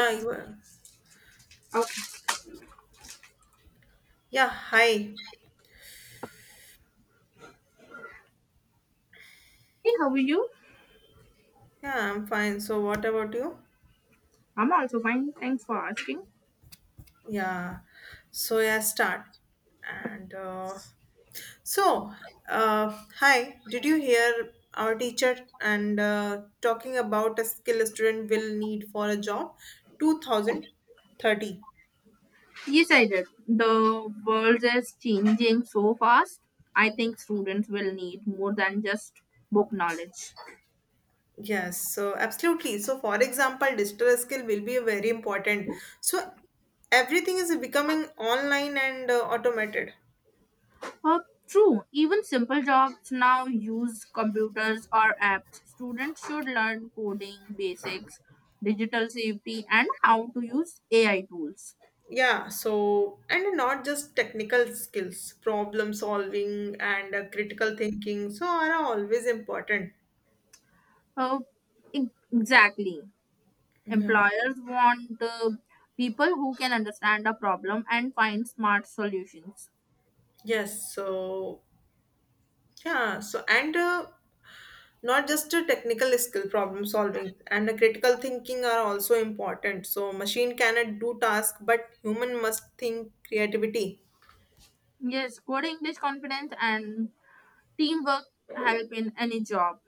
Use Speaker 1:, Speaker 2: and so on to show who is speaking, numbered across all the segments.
Speaker 1: Yeah, you are.
Speaker 2: Okay.
Speaker 1: Yeah, hi. Yeah,
Speaker 2: Hey, how are you?
Speaker 1: I'm fine. So, what about you?
Speaker 2: I'm also fine. Thanks for asking.
Speaker 1: Yeah. So, yeah, start. And so, hi. Did you hear our teacher and talking about a skill a student will need for a job? 2030.
Speaker 2: Yes, I did. The world is changing so fast. I think students will need more than just book knowledge.
Speaker 1: Yes, so absolutely. So, for example, digital skill will be very important. So, everything is becoming online and automated.
Speaker 2: Uh, True, even simple jobs now use computers or apps. Students should learn coding basics, digital safety, and how to use AI tools.
Speaker 1: Yeah, so and not just technical skills, problem solving and critical thinking, so are always important.
Speaker 2: Uh, e- exactly.
Speaker 1: Yeah.
Speaker 2: Employers want people who can understand a problem and find smart solutions.
Speaker 1: Yes, so yeah, so and not just a technical skill, problem solving and the critical thinking are also important, so machine cannot do task, but human must think creativity.
Speaker 2: Yes, good English confidence and teamwork help in any job.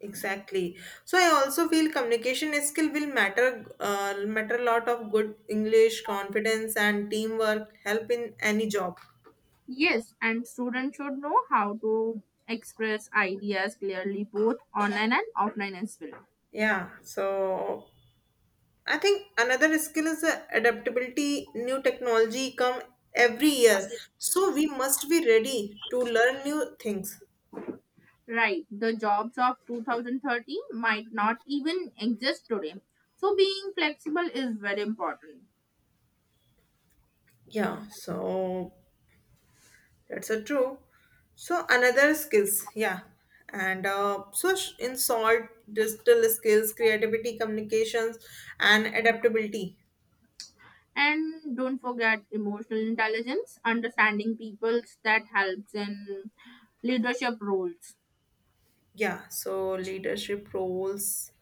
Speaker 1: Exactly. So I also feel communication skill will matter a lot of good English, confidence and teamwork help in any job.
Speaker 2: Yes, and students should know how to express ideas clearly both online and offline as well.
Speaker 1: Yeah. So I think another skill is adaptability. New technology come every year. So we must be ready to learn new things.
Speaker 2: Right, the jobs of 2030 might not even exist today. So being flexible is very important.
Speaker 1: Yeah. So that's a true. So another skills, yeah, and so in salt, digital skills, creativity, communications, and adaptability.
Speaker 2: And don't forget emotional intelligence, understanding peoples that helps in leadership roles
Speaker 1: Yeah, so leadership roles.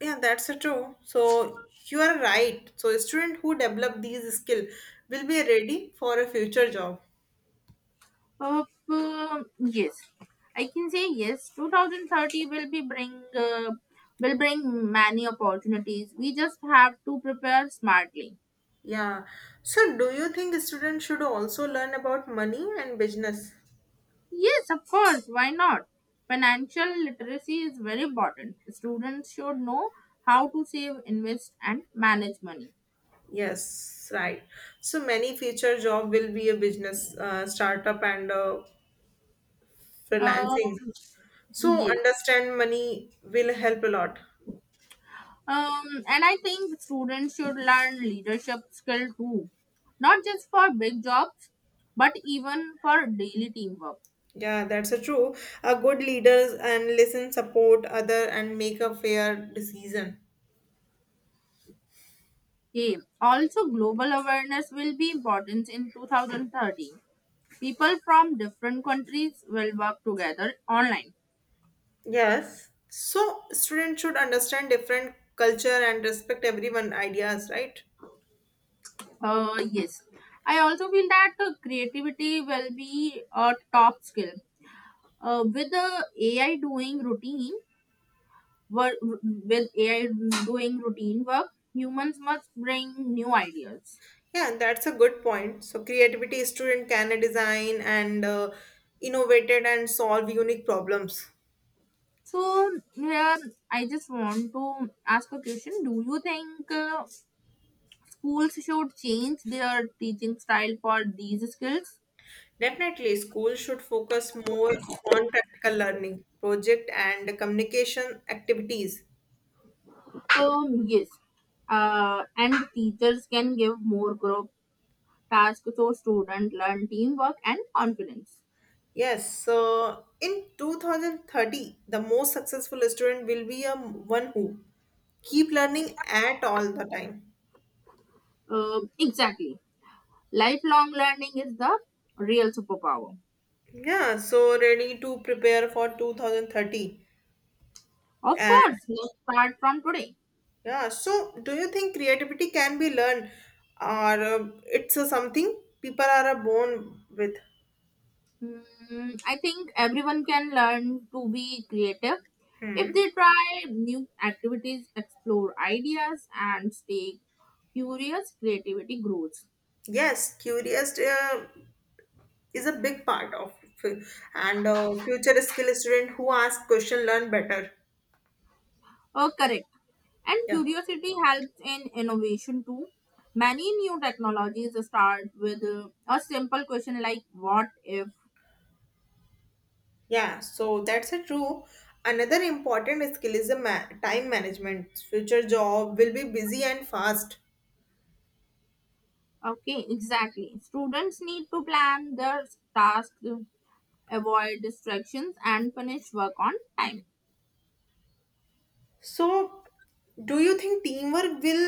Speaker 1: Yeah, that's a true. So you are right. So a student who develop these skill will be ready for a future job.
Speaker 2: uh, yes, I can say yes 2030 will be bring will bring many opportunities. We just have to prepare smartly.
Speaker 1: Yeah. So do you think students should also learn about money and business?
Speaker 2: Yes, of course, why not? Financial literacy is very important. Students should know how to save, invest and manage money
Speaker 1: Yes, right. So many future job will be a business startup and
Speaker 2: uh,
Speaker 1: freelancing. So
Speaker 2: yes.
Speaker 1: understand money will help a lot.
Speaker 2: And I think students should learn leadership skill too, not just for big jobs, but even for daily teamwork.
Speaker 1: Yeah, that's a true. A good leaders and listen, support other, and make a fair decision.
Speaker 2: Okay. Also, global awareness will be important in 2030. People from different countries will work together online.
Speaker 1: Yes. So students should understand different culture and respect everyone ideas, right?
Speaker 2: Yes. I also feel that creativity will be a top skill. Uh, with the AI doing routine, Wor- with AI doing routine work, humans must bring new ideas.
Speaker 1: Yeah, that's a good point. So creativity student can design and innovated and solve unique problems.
Speaker 2: So here, I just want to ask a question. Do you think schools should change their teaching style for these skills?
Speaker 1: Definitely, schools should focus more on practical learning, project and communication activities.
Speaker 2: Yes. And teachers can give more group tasks so students learn teamwork and confidence.
Speaker 1: Yes, so in 2030, the most successful student will be a one who keep learning at all the time.
Speaker 2: Exactly. Lifelong learning is the real superpower.
Speaker 1: Yeah, so ready to prepare for 2030.
Speaker 2: Of
Speaker 1: And
Speaker 2: course, let's start from today.
Speaker 1: yeah, so do you think creativity can be learned or it's a something people are born with?
Speaker 2: Mm, I think everyone can learn to be creative if they try new activities, explore ideas, and stay curious. Creativity grows.
Speaker 1: Yes, curious is a big part of and future skill student who ask question learn better.
Speaker 2: Oh, correct. And
Speaker 1: Yeah.
Speaker 2: curiosity helps in innovation too. Many new technologies start with a simple question like what if?
Speaker 1: Yeah, so that's a true. Another important skill is the time management future job will be busy and fast.
Speaker 2: Okay, exactly. Students need to plan their tasks, avoid distractions, and finish work on time.
Speaker 1: So do you think teamwork will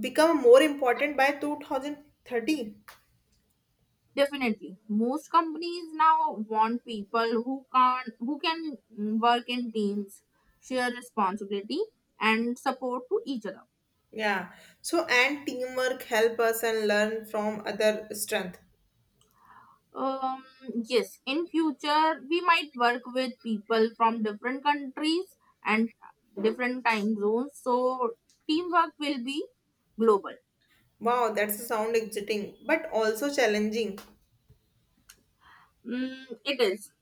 Speaker 1: become more important by 2030?
Speaker 2: Definitely, most companies now want people who can mm, work in teams, share responsibility, and support to each other.
Speaker 1: Yeah, so and teamwork help us and learn from other strength.
Speaker 2: Um, yes, in future we might work with people from different countries and different time zones, so teamwork will be global.
Speaker 1: Wow, that's a sound exciting but also challenging.
Speaker 2: Mm, it is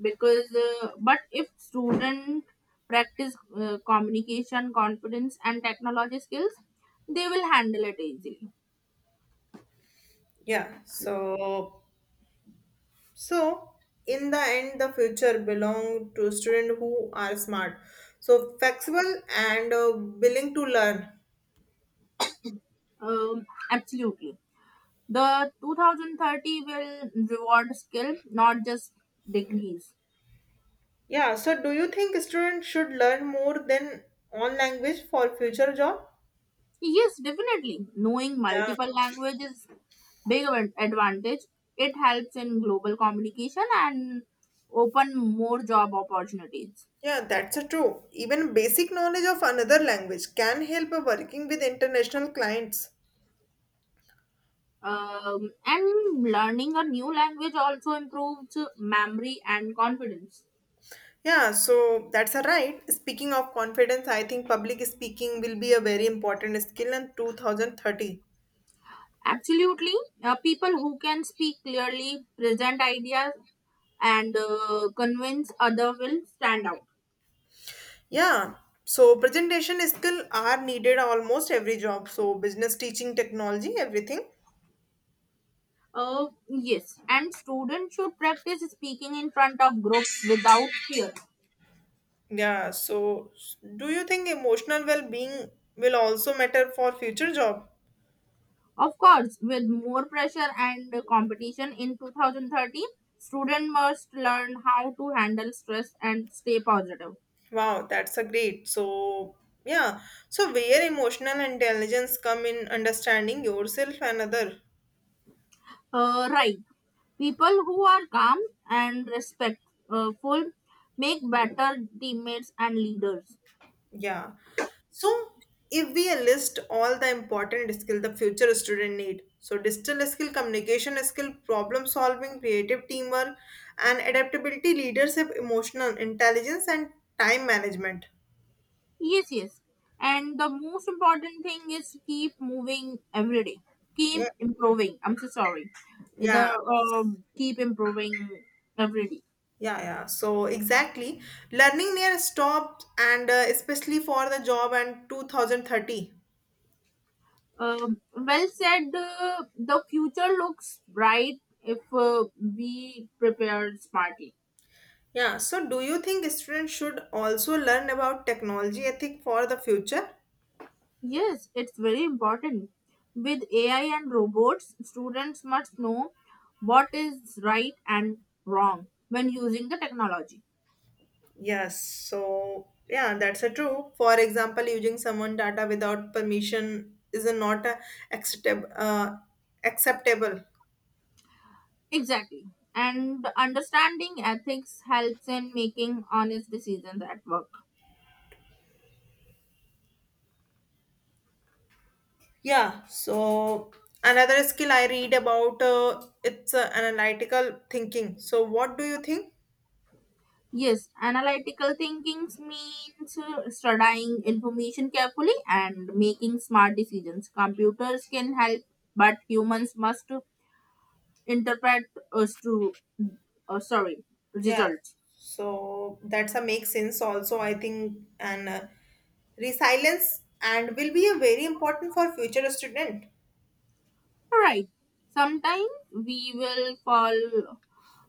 Speaker 2: because, but if student practice communication, confidence, and technology skills, they will handle it easily.
Speaker 1: Yeah, so in the end, the future belong to students who are smart, so flexible and willing to learn.
Speaker 2: Um, absolutely. The 2030 will reward skill, not just degrees.
Speaker 1: Yeah. So, do you think students should learn more than one language for future job?
Speaker 2: Yes, definitely. Knowing
Speaker 1: Yeah.
Speaker 2: multiple languages big advantage. It helps in global communication and open more job opportunities.
Speaker 1: Yeah, that's a true. Even basic knowledge of another language can help a working with international clients.
Speaker 2: And learning a new language also improves memory and confidence.
Speaker 1: Yeah, so that's a right. Speaking of confidence, I think public speaking will be a very important skill in 2030.
Speaker 2: Absolutely, people who can speak clearly, present ideas, and convince other will stand out.
Speaker 1: Yeah. So presentation skill are needed almost every job. So business teaching, technology, everything.
Speaker 2: Yes, and students should practice speaking in front of groups without fear.
Speaker 1: Yeah. So do you think emotional well-being will also matter for future job?
Speaker 2: Of course, with more pressure and competition in 2030, students must learn how to handle stress and stay positive.
Speaker 1: Wow, that's a great. So yeah. So where emotional intelligence come in understanding yourself and other.
Speaker 2: Right. People who are calm and respectful make better teammates and leaders.
Speaker 1: Yeah. So if we list all the important skill the future student need, so digital skill, communication skill, problem solving, creative teamwork, and adaptability, leadership, emotional intelligence, and time management.
Speaker 2: Yes, yes. And the most important thing is keep moving every day.
Speaker 1: Yeah.
Speaker 2: Keep improving. I'm so sorry. The
Speaker 1: Yeah.
Speaker 2: keep improving every day.
Speaker 1: Yeah, yeah. So exactly, learning near stopped, and especially for the job and 2030.
Speaker 2: Um, well said. The future looks bright if we prepare smartly.
Speaker 1: Yeah. So do you think students should also learn about technology ethic for the future?
Speaker 2: Yes, it's very important. With AI and robots, students must know what is right and wrong when using the technology.
Speaker 1: Yes, so yeah, that's a true. For example, using someone data without permission is a not a acceptable. Acceptable.
Speaker 2: Exactly. And understanding ethics helps in making honest decisions at work.
Speaker 1: Yeah. So another skill I read about it's analytical thinking. So what do you think?
Speaker 2: Yes, analytical thinking means studying information carefully and making smart decisions. Computers can help, but humans must interpret us to, uh, sorry,
Speaker 1: Yeah.
Speaker 2: results.
Speaker 1: So that's a make sense also I think and resilience and will be a very important for future student.
Speaker 2: Right. Sometimes we will fall,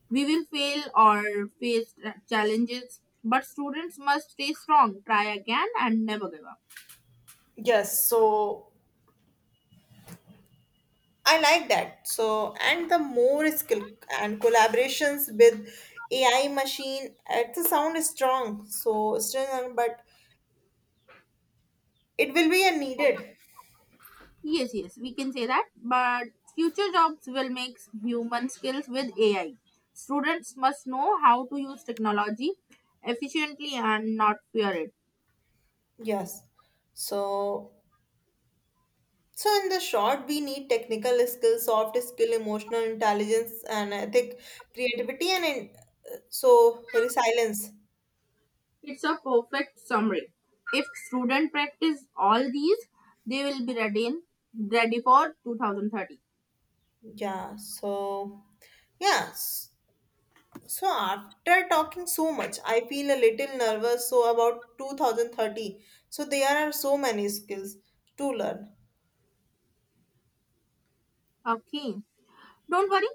Speaker 2: we will fail or face challenges, but students must stay strong, try again, and never give up.
Speaker 1: Yes. So I like that. So, and the more skill and collaborations with AI machine, it's a sound is strong. So, strong, but it will be a needed.
Speaker 2: Yes, yes, we can say that. But future jobs will mix human skills with AI. Students must know how to use technology efficiently and not fear it.
Speaker 1: Yes. So, so in the short, we need technical skills, soft skill, emotional intelligence, and ethic, creativity, and in, so resilience.
Speaker 2: It's a perfect summary. If students practice all these, they will be ready for 2030.
Speaker 1: Yeah. So, yes. So after talking so much, I feel a little nervous. So about 2030, so there are so many skills to learn.
Speaker 2: Okay. Don't worry,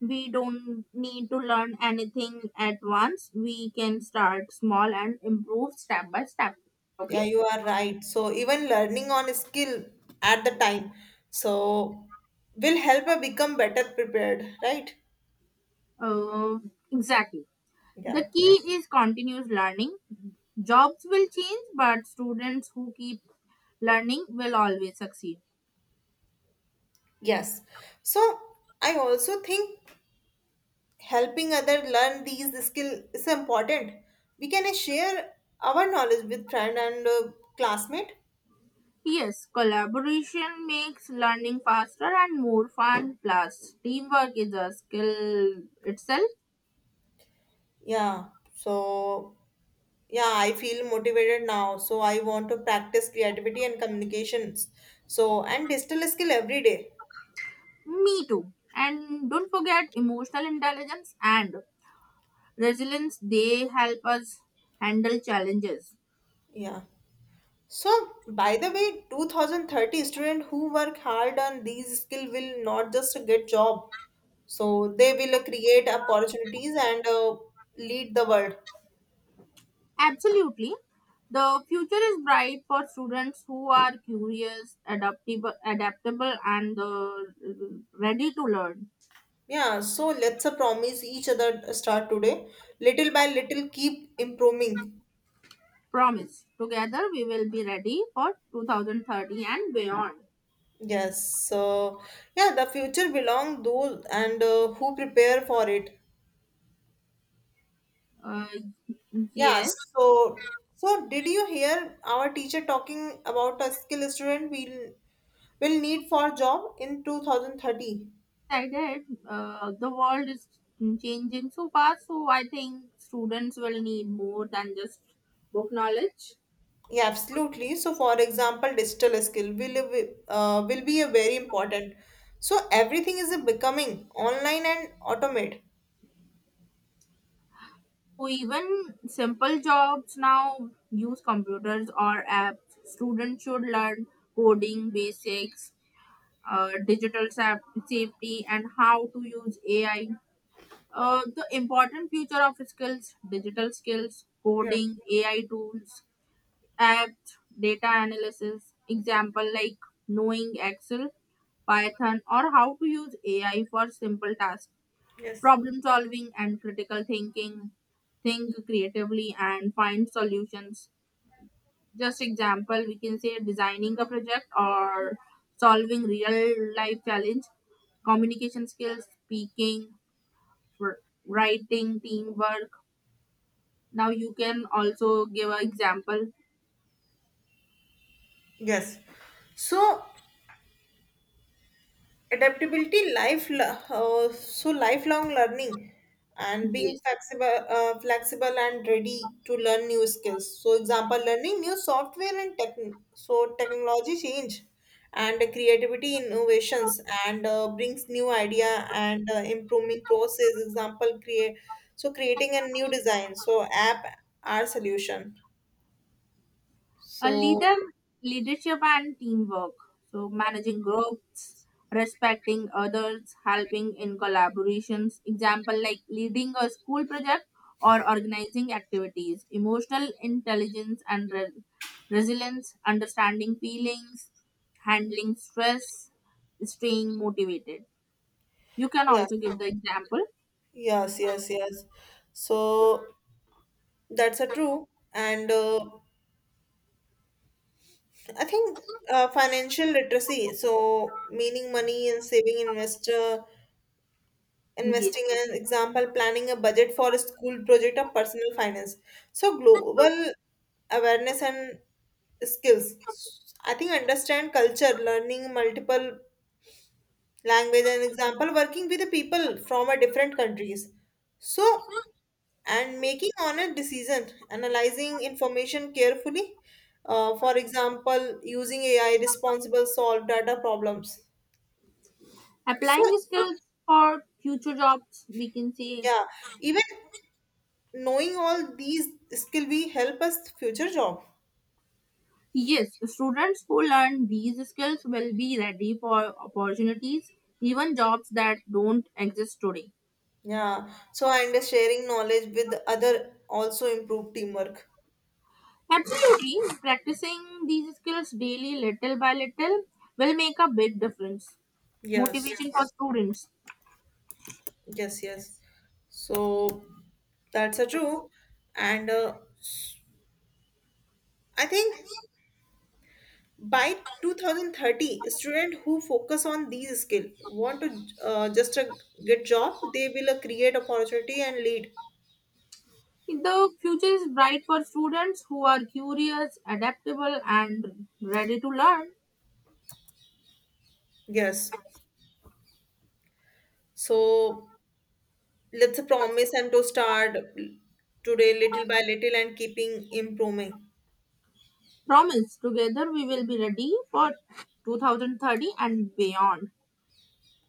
Speaker 2: we don't need to learn anything at once. We can start small and improve step by step.
Speaker 1: Yeah,
Speaker 2: Okay?
Speaker 1: you are right. So even learning on a skill at the time, so will help her become better prepared, right?
Speaker 2: Uh, exactly.
Speaker 1: Yeah.
Speaker 2: The key is continuous learning. Jobs will change, but students who keep learning will always succeed.
Speaker 1: Yes. So I also think helping other learn these skill is important. We can share our knowledge with friend and classmate.
Speaker 2: Yes, collaboration makes learning faster and more fun. Plus, teamwork is a skill itself.
Speaker 1: Yeah, so yeah, I feel motivated now. So I want to practice creativity and communications. So and digital skill every day.
Speaker 2: Me too. And don't forget emotional intelligence and resilience. They help us handle challenges.
Speaker 1: Yeah. So by the way, 2030 student who work hard on these skill will not just get job. So they will create opportunities and lead the world.
Speaker 2: Absolutely, the future is bright for students who are curious, adaptable and ready to learn.
Speaker 1: Yeah, so let's promise each other start today. Little by little, keep improving.
Speaker 2: Promise, together we will be ready for 2030 and beyond.
Speaker 1: Yes, so yeah, the future belong those and who prepare for it.
Speaker 2: uh,
Speaker 1: Yeah,
Speaker 2: yes,
Speaker 1: so did you hear our teacher talking about a skill student will need for job in 2030?
Speaker 2: I did. The world is changing so fast, so I think students will need more than just book knowledge.
Speaker 1: Yeah, absolutely. So, for example, digital skill will be a very important. So everything is becoming online and automate.
Speaker 2: Who, even simple jobs now use computers or apps. Students should learn coding basics, uh, digital saf- safety, and how to use AI. The important future of skills: digital skills,
Speaker 1: Yeah.
Speaker 2: coding, AI tools, apps, data analysis. Example like knowing Excel, Python, or how to use AI for simple tasks.
Speaker 1: Yes.
Speaker 2: Problem solving and critical thinking, think creatively and find solutions. Just example, we can say designing a project or solving real life challenge. Communication skills: speaking, writing, teamwork. Now you can also give an example.
Speaker 1: Yes. So adaptability so lifelong learning and being
Speaker 2: Yes.
Speaker 1: flexible and ready to learn new skills, so example learning new software and tech, so technology change and creativity innovations and brings new idea and improving process example create, so creating a new design so app our solution
Speaker 2: A
Speaker 1: so.
Speaker 2: leadership and teamwork. So managing groups, respecting others, helping in collaborations. Example like leading a school project or organizing activities. Emotional intelligence and resilience, understanding feelings, handling stress, staying motivated. You can
Speaker 1: Yes,
Speaker 2: also give the example.
Speaker 1: yes, yes, yes, so that's a true. And I think financial literacy, so meaning money and saving investor, investing
Speaker 2: Yes.
Speaker 1: and example, planning a budget for a school project or personal finance. So global awareness and skills. I think understand culture, learning multiple language and example working with the people from a different countries, so and making honest decision analyzing information carefully, for example using ai responsible solve data problems, so
Speaker 2: Applying skills for future jobs, we can say
Speaker 1: yeah even knowing all these skill will help us future job.
Speaker 2: yes, students who learn these skills will be ready for opportunities, even jobs that don't exist today.
Speaker 1: Yeah, so and sharing knowledge with other also improve teamwork.
Speaker 2: Absolutely, practicing these skills daily, little by little, will make a big difference.
Speaker 1: Yes.
Speaker 2: Motivation for yes students.
Speaker 1: Yes, yes. So that's a true. And I think by 2030, students who focus on these skills want to just a get job, they will create opportunity and lead.
Speaker 2: The future is bright for students who are curious, adaptable, and ready to learn.
Speaker 1: Yes. So let's promise and to start today little by little and keeping improving.
Speaker 2: Promise, together we will be ready for 2030 and beyond.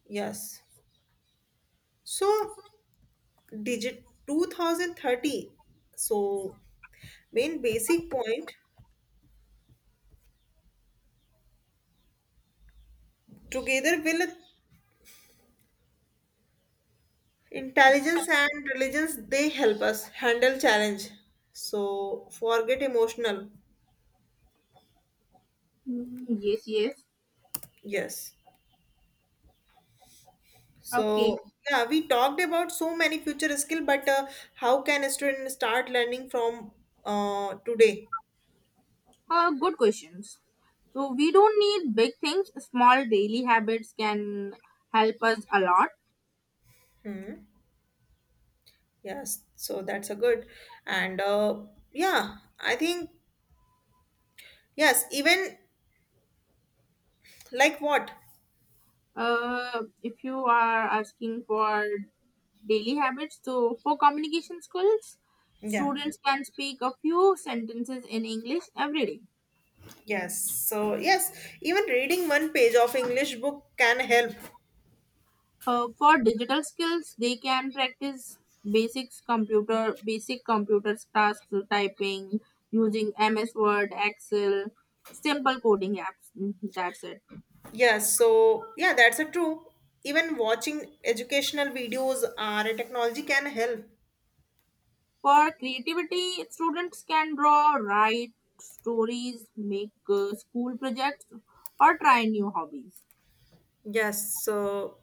Speaker 1: Yes. So digit 2030. So main basic point together will intelligence and religions they help us handle challenge so forget emotional.
Speaker 2: Mm, yes, yes.
Speaker 1: Yes,
Speaker 2: Okay.
Speaker 1: so yeah, we talked about so many future skill but how can a student start learning from today?
Speaker 2: Good questions. So we don't need big things. Small daily habits can help us a lot.
Speaker 1: Hmm. Yes, so that's a good. And yeah, I think yes even like what.
Speaker 2: If you are asking for daily habits, so for communication skills,
Speaker 1: Yeah,
Speaker 2: students can speak a few sentences in English every day.
Speaker 1: yes, so yes, even reading one page of english book can help.
Speaker 2: For digital skills, they can practice basic computer tasks, so typing using MS Word, Excel, simple coding apps. Mm, that's it.
Speaker 1: Yeah, so yeah, that's a true. Even watching educational videos or a technology can help.
Speaker 2: For creativity, students can draw, write stories, make school projects, or try new hobbies.
Speaker 1: Yes, so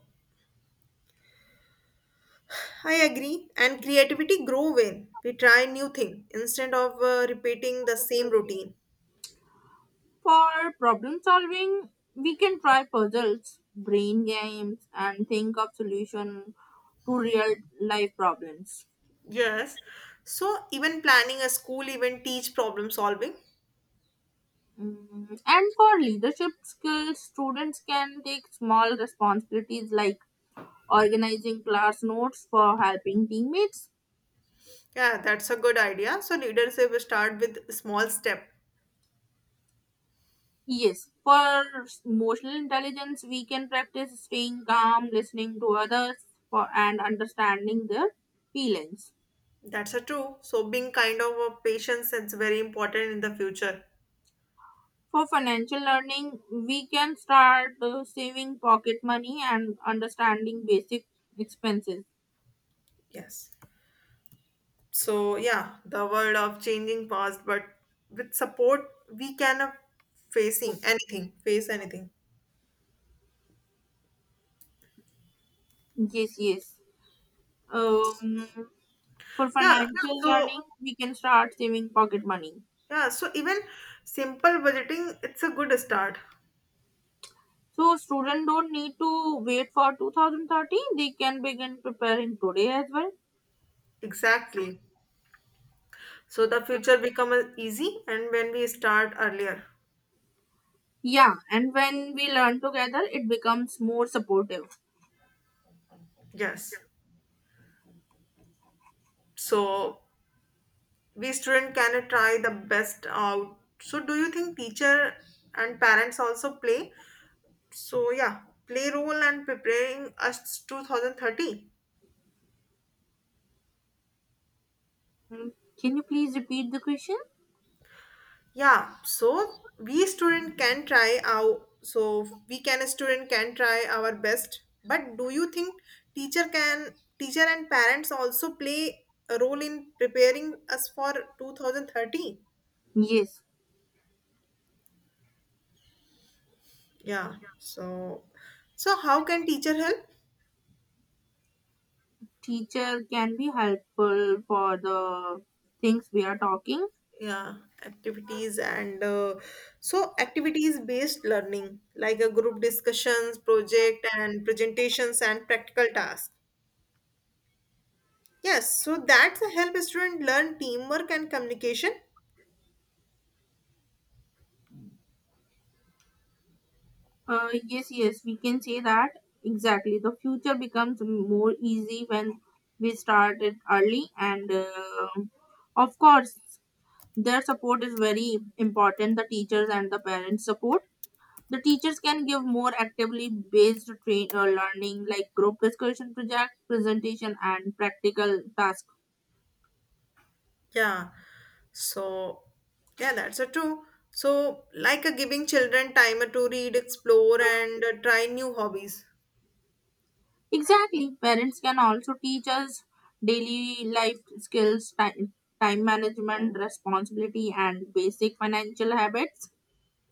Speaker 1: I agree. And creativity grow when we try new thing instead of repeating the same routine.
Speaker 2: For problem solving, we can try puzzles, brain games, and think of solution to real life problems.
Speaker 1: Yes. So even planning a school event teach problem solving.
Speaker 2: Mm, and for leadership skills, students can take small responsibilities like organizing class notes for helping teammates.
Speaker 1: Yeah, that's a good idea. So leadership start with small step.
Speaker 2: Yes, for emotional intelligence, we can practice staying calm, listening to others, for, and understanding their feelings.
Speaker 1: That's a true. So being kind of a patience is very important in the future.
Speaker 2: For financial learning, we can start saving pocket money and understanding basic expenses.
Speaker 1: Yes, so yeah the world of changing past but with support we can facing anything face anything.
Speaker 2: Yes, yes. Um, for
Speaker 1: Yeah,
Speaker 2: financial
Speaker 1: so
Speaker 2: learning, we can start saving pocket money.
Speaker 1: yeah, so even simple budgeting it's a good start.
Speaker 2: So students don't need to wait for 2030. They can begin preparing today as well.
Speaker 1: Exactly, so the future becomes easy and when we start earlier.
Speaker 2: Yeah, and when we learn together, it becomes more supportive.
Speaker 1: Yes. So we student can try the best out, so do you think teacher and parents also play so yeah play role and preparing us 2030?
Speaker 2: Can you please repeat the question?
Speaker 1: Yeah, so we student can try our so we can student can try our best. But do you think teacher can teacher and parents also play a role in preparing us for 2030?
Speaker 2: Yes,
Speaker 1: Yeah. So how can teacher help?
Speaker 2: teacher can be helpful for the things we are talking.
Speaker 1: Yeah, activities and so activities based learning like a group discussions, project and presentations and practical tasks. Yes, so that's a help student learn teamwork and communication.
Speaker 2: Yes, yes, we can say that exactly. The future becomes more easy when we start it early, and of course, their support is very important. The teachers and the parents' support. The teachers can give more actively based train learning like group discussion, project presentation and practical tasks.
Speaker 1: Yeah. So yeah, that's a true. So like a giving children time to read, explore, and try new hobbies.
Speaker 2: Exactly, parents can also teach us daily life skills: time management, responsibility and basic financial habits.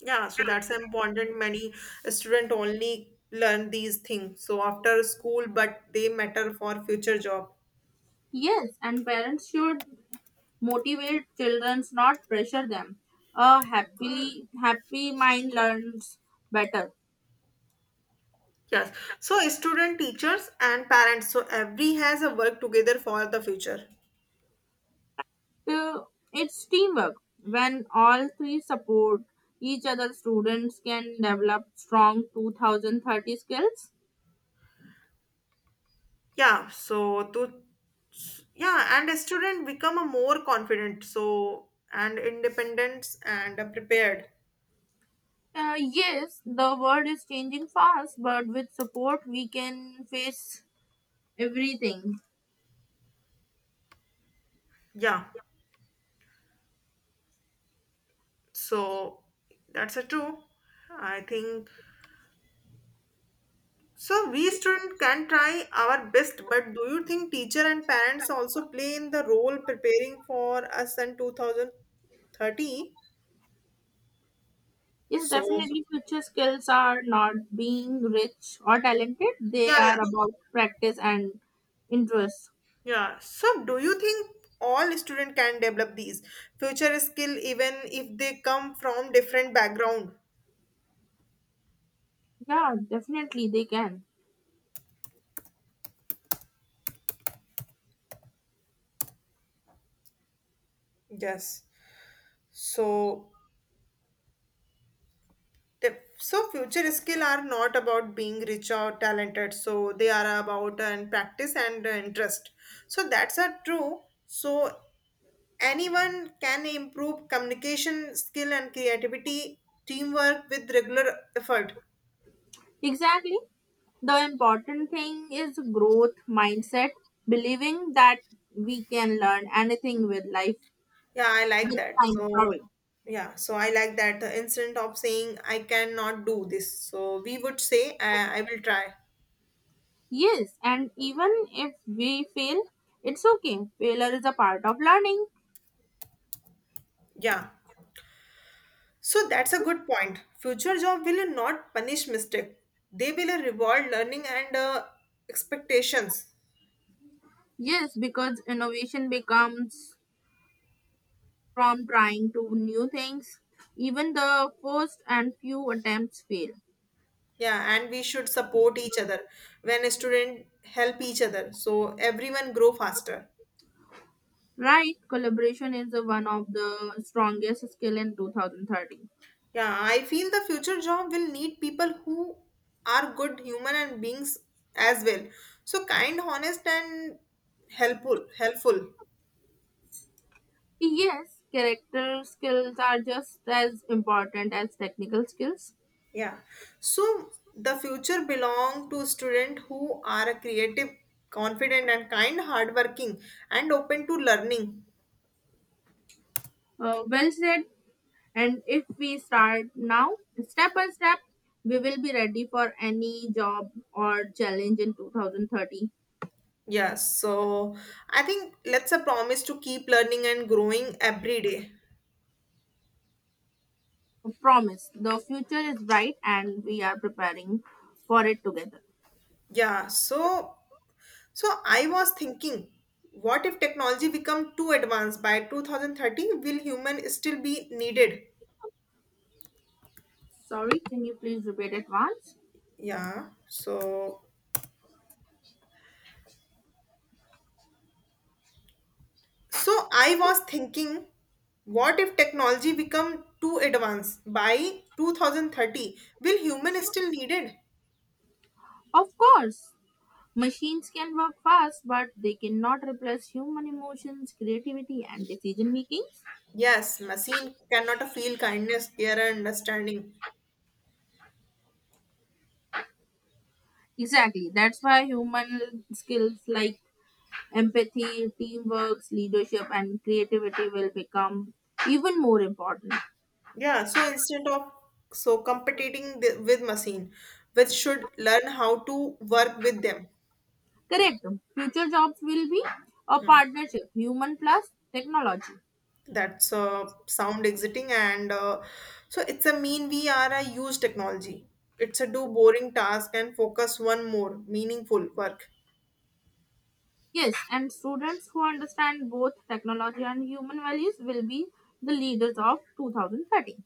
Speaker 1: Yeah, so that's important. Many student only learn these things. So after school, but they matter for future job.
Speaker 2: Yes, and parents should motivate children, not pressure them. A happily happy mind learns better.
Speaker 1: Yes. So student, teachers, and parents. So every has a work together for the future.
Speaker 2: So it's teamwork. When all three support each other, students can develop strong 2030 skills.
Speaker 1: Yeah. So to yeah and a student become a more confident so and independent and prepared.
Speaker 2: Yes, the world is changing fast, but with support, we can face everything.
Speaker 1: Yeah, so that's a true, I think, so we student can try our best but do you think teacher and parents also play in the role preparing for us in 2030,
Speaker 2: Yes,
Speaker 1: so
Speaker 2: definitely, future skills are not being rich or talented, they
Speaker 1: yeah yeah
Speaker 2: are about practice and interest.
Speaker 1: yeah, so do you think all student can develop these future skill even if they come from different background?
Speaker 2: Yeah, definitely, they can.
Speaker 1: Yes. So, the, so future skill are not about being rich or talented. So they are about and practice and interest. So that's a true. So anyone can improve communication skill and creativity, teamwork with regular effort.
Speaker 2: Exactly. The important thing is growth mindset, believing that we can learn anything with life
Speaker 1: Yeah, I like
Speaker 2: with
Speaker 1: that.
Speaker 2: time.
Speaker 1: So
Speaker 2: Sorry.
Speaker 1: yeah, so I like that the incident of saying I cannot do this. So we would say I will try.
Speaker 2: Yes, and even if we fail, it's okay. Failure is a part of learning.
Speaker 1: Yeah. So that's a good point. Future job will not punish mistake. They will reward learning and expectations.
Speaker 2: Yes, because innovation becomes from trying to new things. Even the first and few attempts fail.
Speaker 1: Yeah, and we should support each other. When a student help each other, so everyone grow faster.
Speaker 2: Right? Collaboration is the one of the strongest skill in 2030.
Speaker 1: Yeah, I feel the future job will need people who are good human and beings as well. So kind, honest, and helpful. Helpful.
Speaker 2: Yes, character skills are just as important as technical skills.
Speaker 1: Yeah. So the future belong to students who are creative, confident and kind, hardworking and open to learning.
Speaker 2: Well said. And if we start now, step by step, we will be ready for any job or challenge in 2030.
Speaker 1: Yeah. So I think let's a promise to keep learning and growing every day.
Speaker 2: Promise. The future is bright and we are preparing for it together.
Speaker 1: Yeah. So I was thinking, what if technology become too advanced by 2030? Will human still be needed?
Speaker 2: Sorry, can you please repeat it once?
Speaker 1: Yeah. So I was thinking, what if technology become too advanced by 2030? Will human still needed?
Speaker 2: Of course. Machines can work fast, but they cannot replace human emotions, creativity, and decision making.
Speaker 1: Yes, machine cannot feel kindness, care, and understanding.
Speaker 2: Exactly. That's why human skills like empathy, teamwork, leadership, and creativity will become even more important.
Speaker 1: Yeah, so instead of so competing with machine, which should learn how to work with them.
Speaker 2: Correct. Future jobs will be a
Speaker 1: Mm,
Speaker 2: partnership, human plus technology.
Speaker 1: that's sound exiting, and so it's a mean we are a use technology. It's a do boring task and focus one more meaningful work.
Speaker 2: Yes, and students who understand both technology and human values will be the leaders of 2030.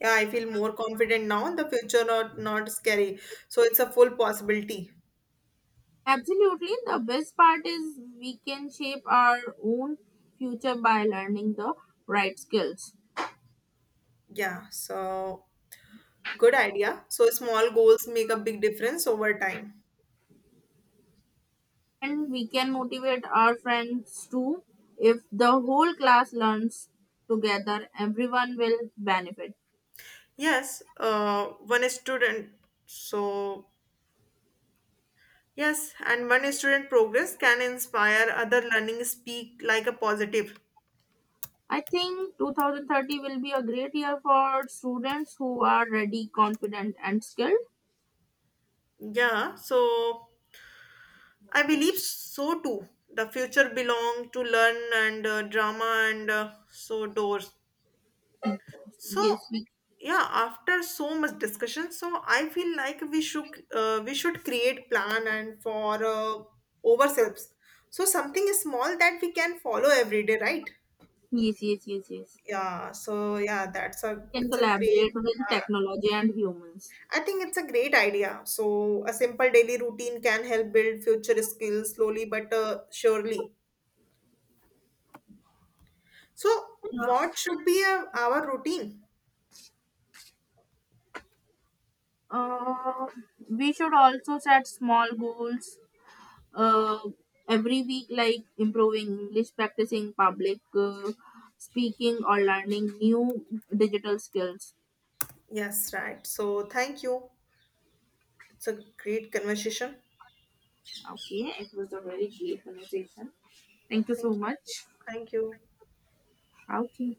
Speaker 1: Yeah, I feel more confident now. The future not scary. So it's a full possibility.
Speaker 2: Absolutely. The best part is we can shape our own future by learning the right skills.
Speaker 1: Yeah. So good idea. So small goals make a big difference over time.
Speaker 2: And we can motivate our friends too. If the whole class learns together, everyone will benefit.
Speaker 1: Yes. One student. So yes, and one student progress can inspire other learning speak like a positive.
Speaker 2: I think 2030 will be a great year for students who are ready, confident, and skilled.
Speaker 1: Yeah. So I believe so too. The future belong to learn and drama and so doors. So,
Speaker 2: Yes,
Speaker 1: yeah, after so much discussion, so I feel like we should create plan and for ourselves. So something is small that we can follow every day, right?
Speaker 2: yes, yes.
Speaker 1: Yeah. So yeah, that's a
Speaker 2: We can
Speaker 1: it's a great.
Speaker 2: collaborate with
Speaker 1: Uh,
Speaker 2: technology and humans.
Speaker 1: I think it's a great idea. So a simple daily routine can help build future skills slowly but surely. So what should be our routine?
Speaker 2: Uh, we should also set small goals uh, every week, like improving English, practicing public speaking, or learning new digital skills.
Speaker 1: Yes, right. So thank you. It's a great conversation.
Speaker 2: Okay, it was a very great conversation. Thank you so
Speaker 1: Thank you.
Speaker 2: much.
Speaker 1: Thank you.
Speaker 2: Okay.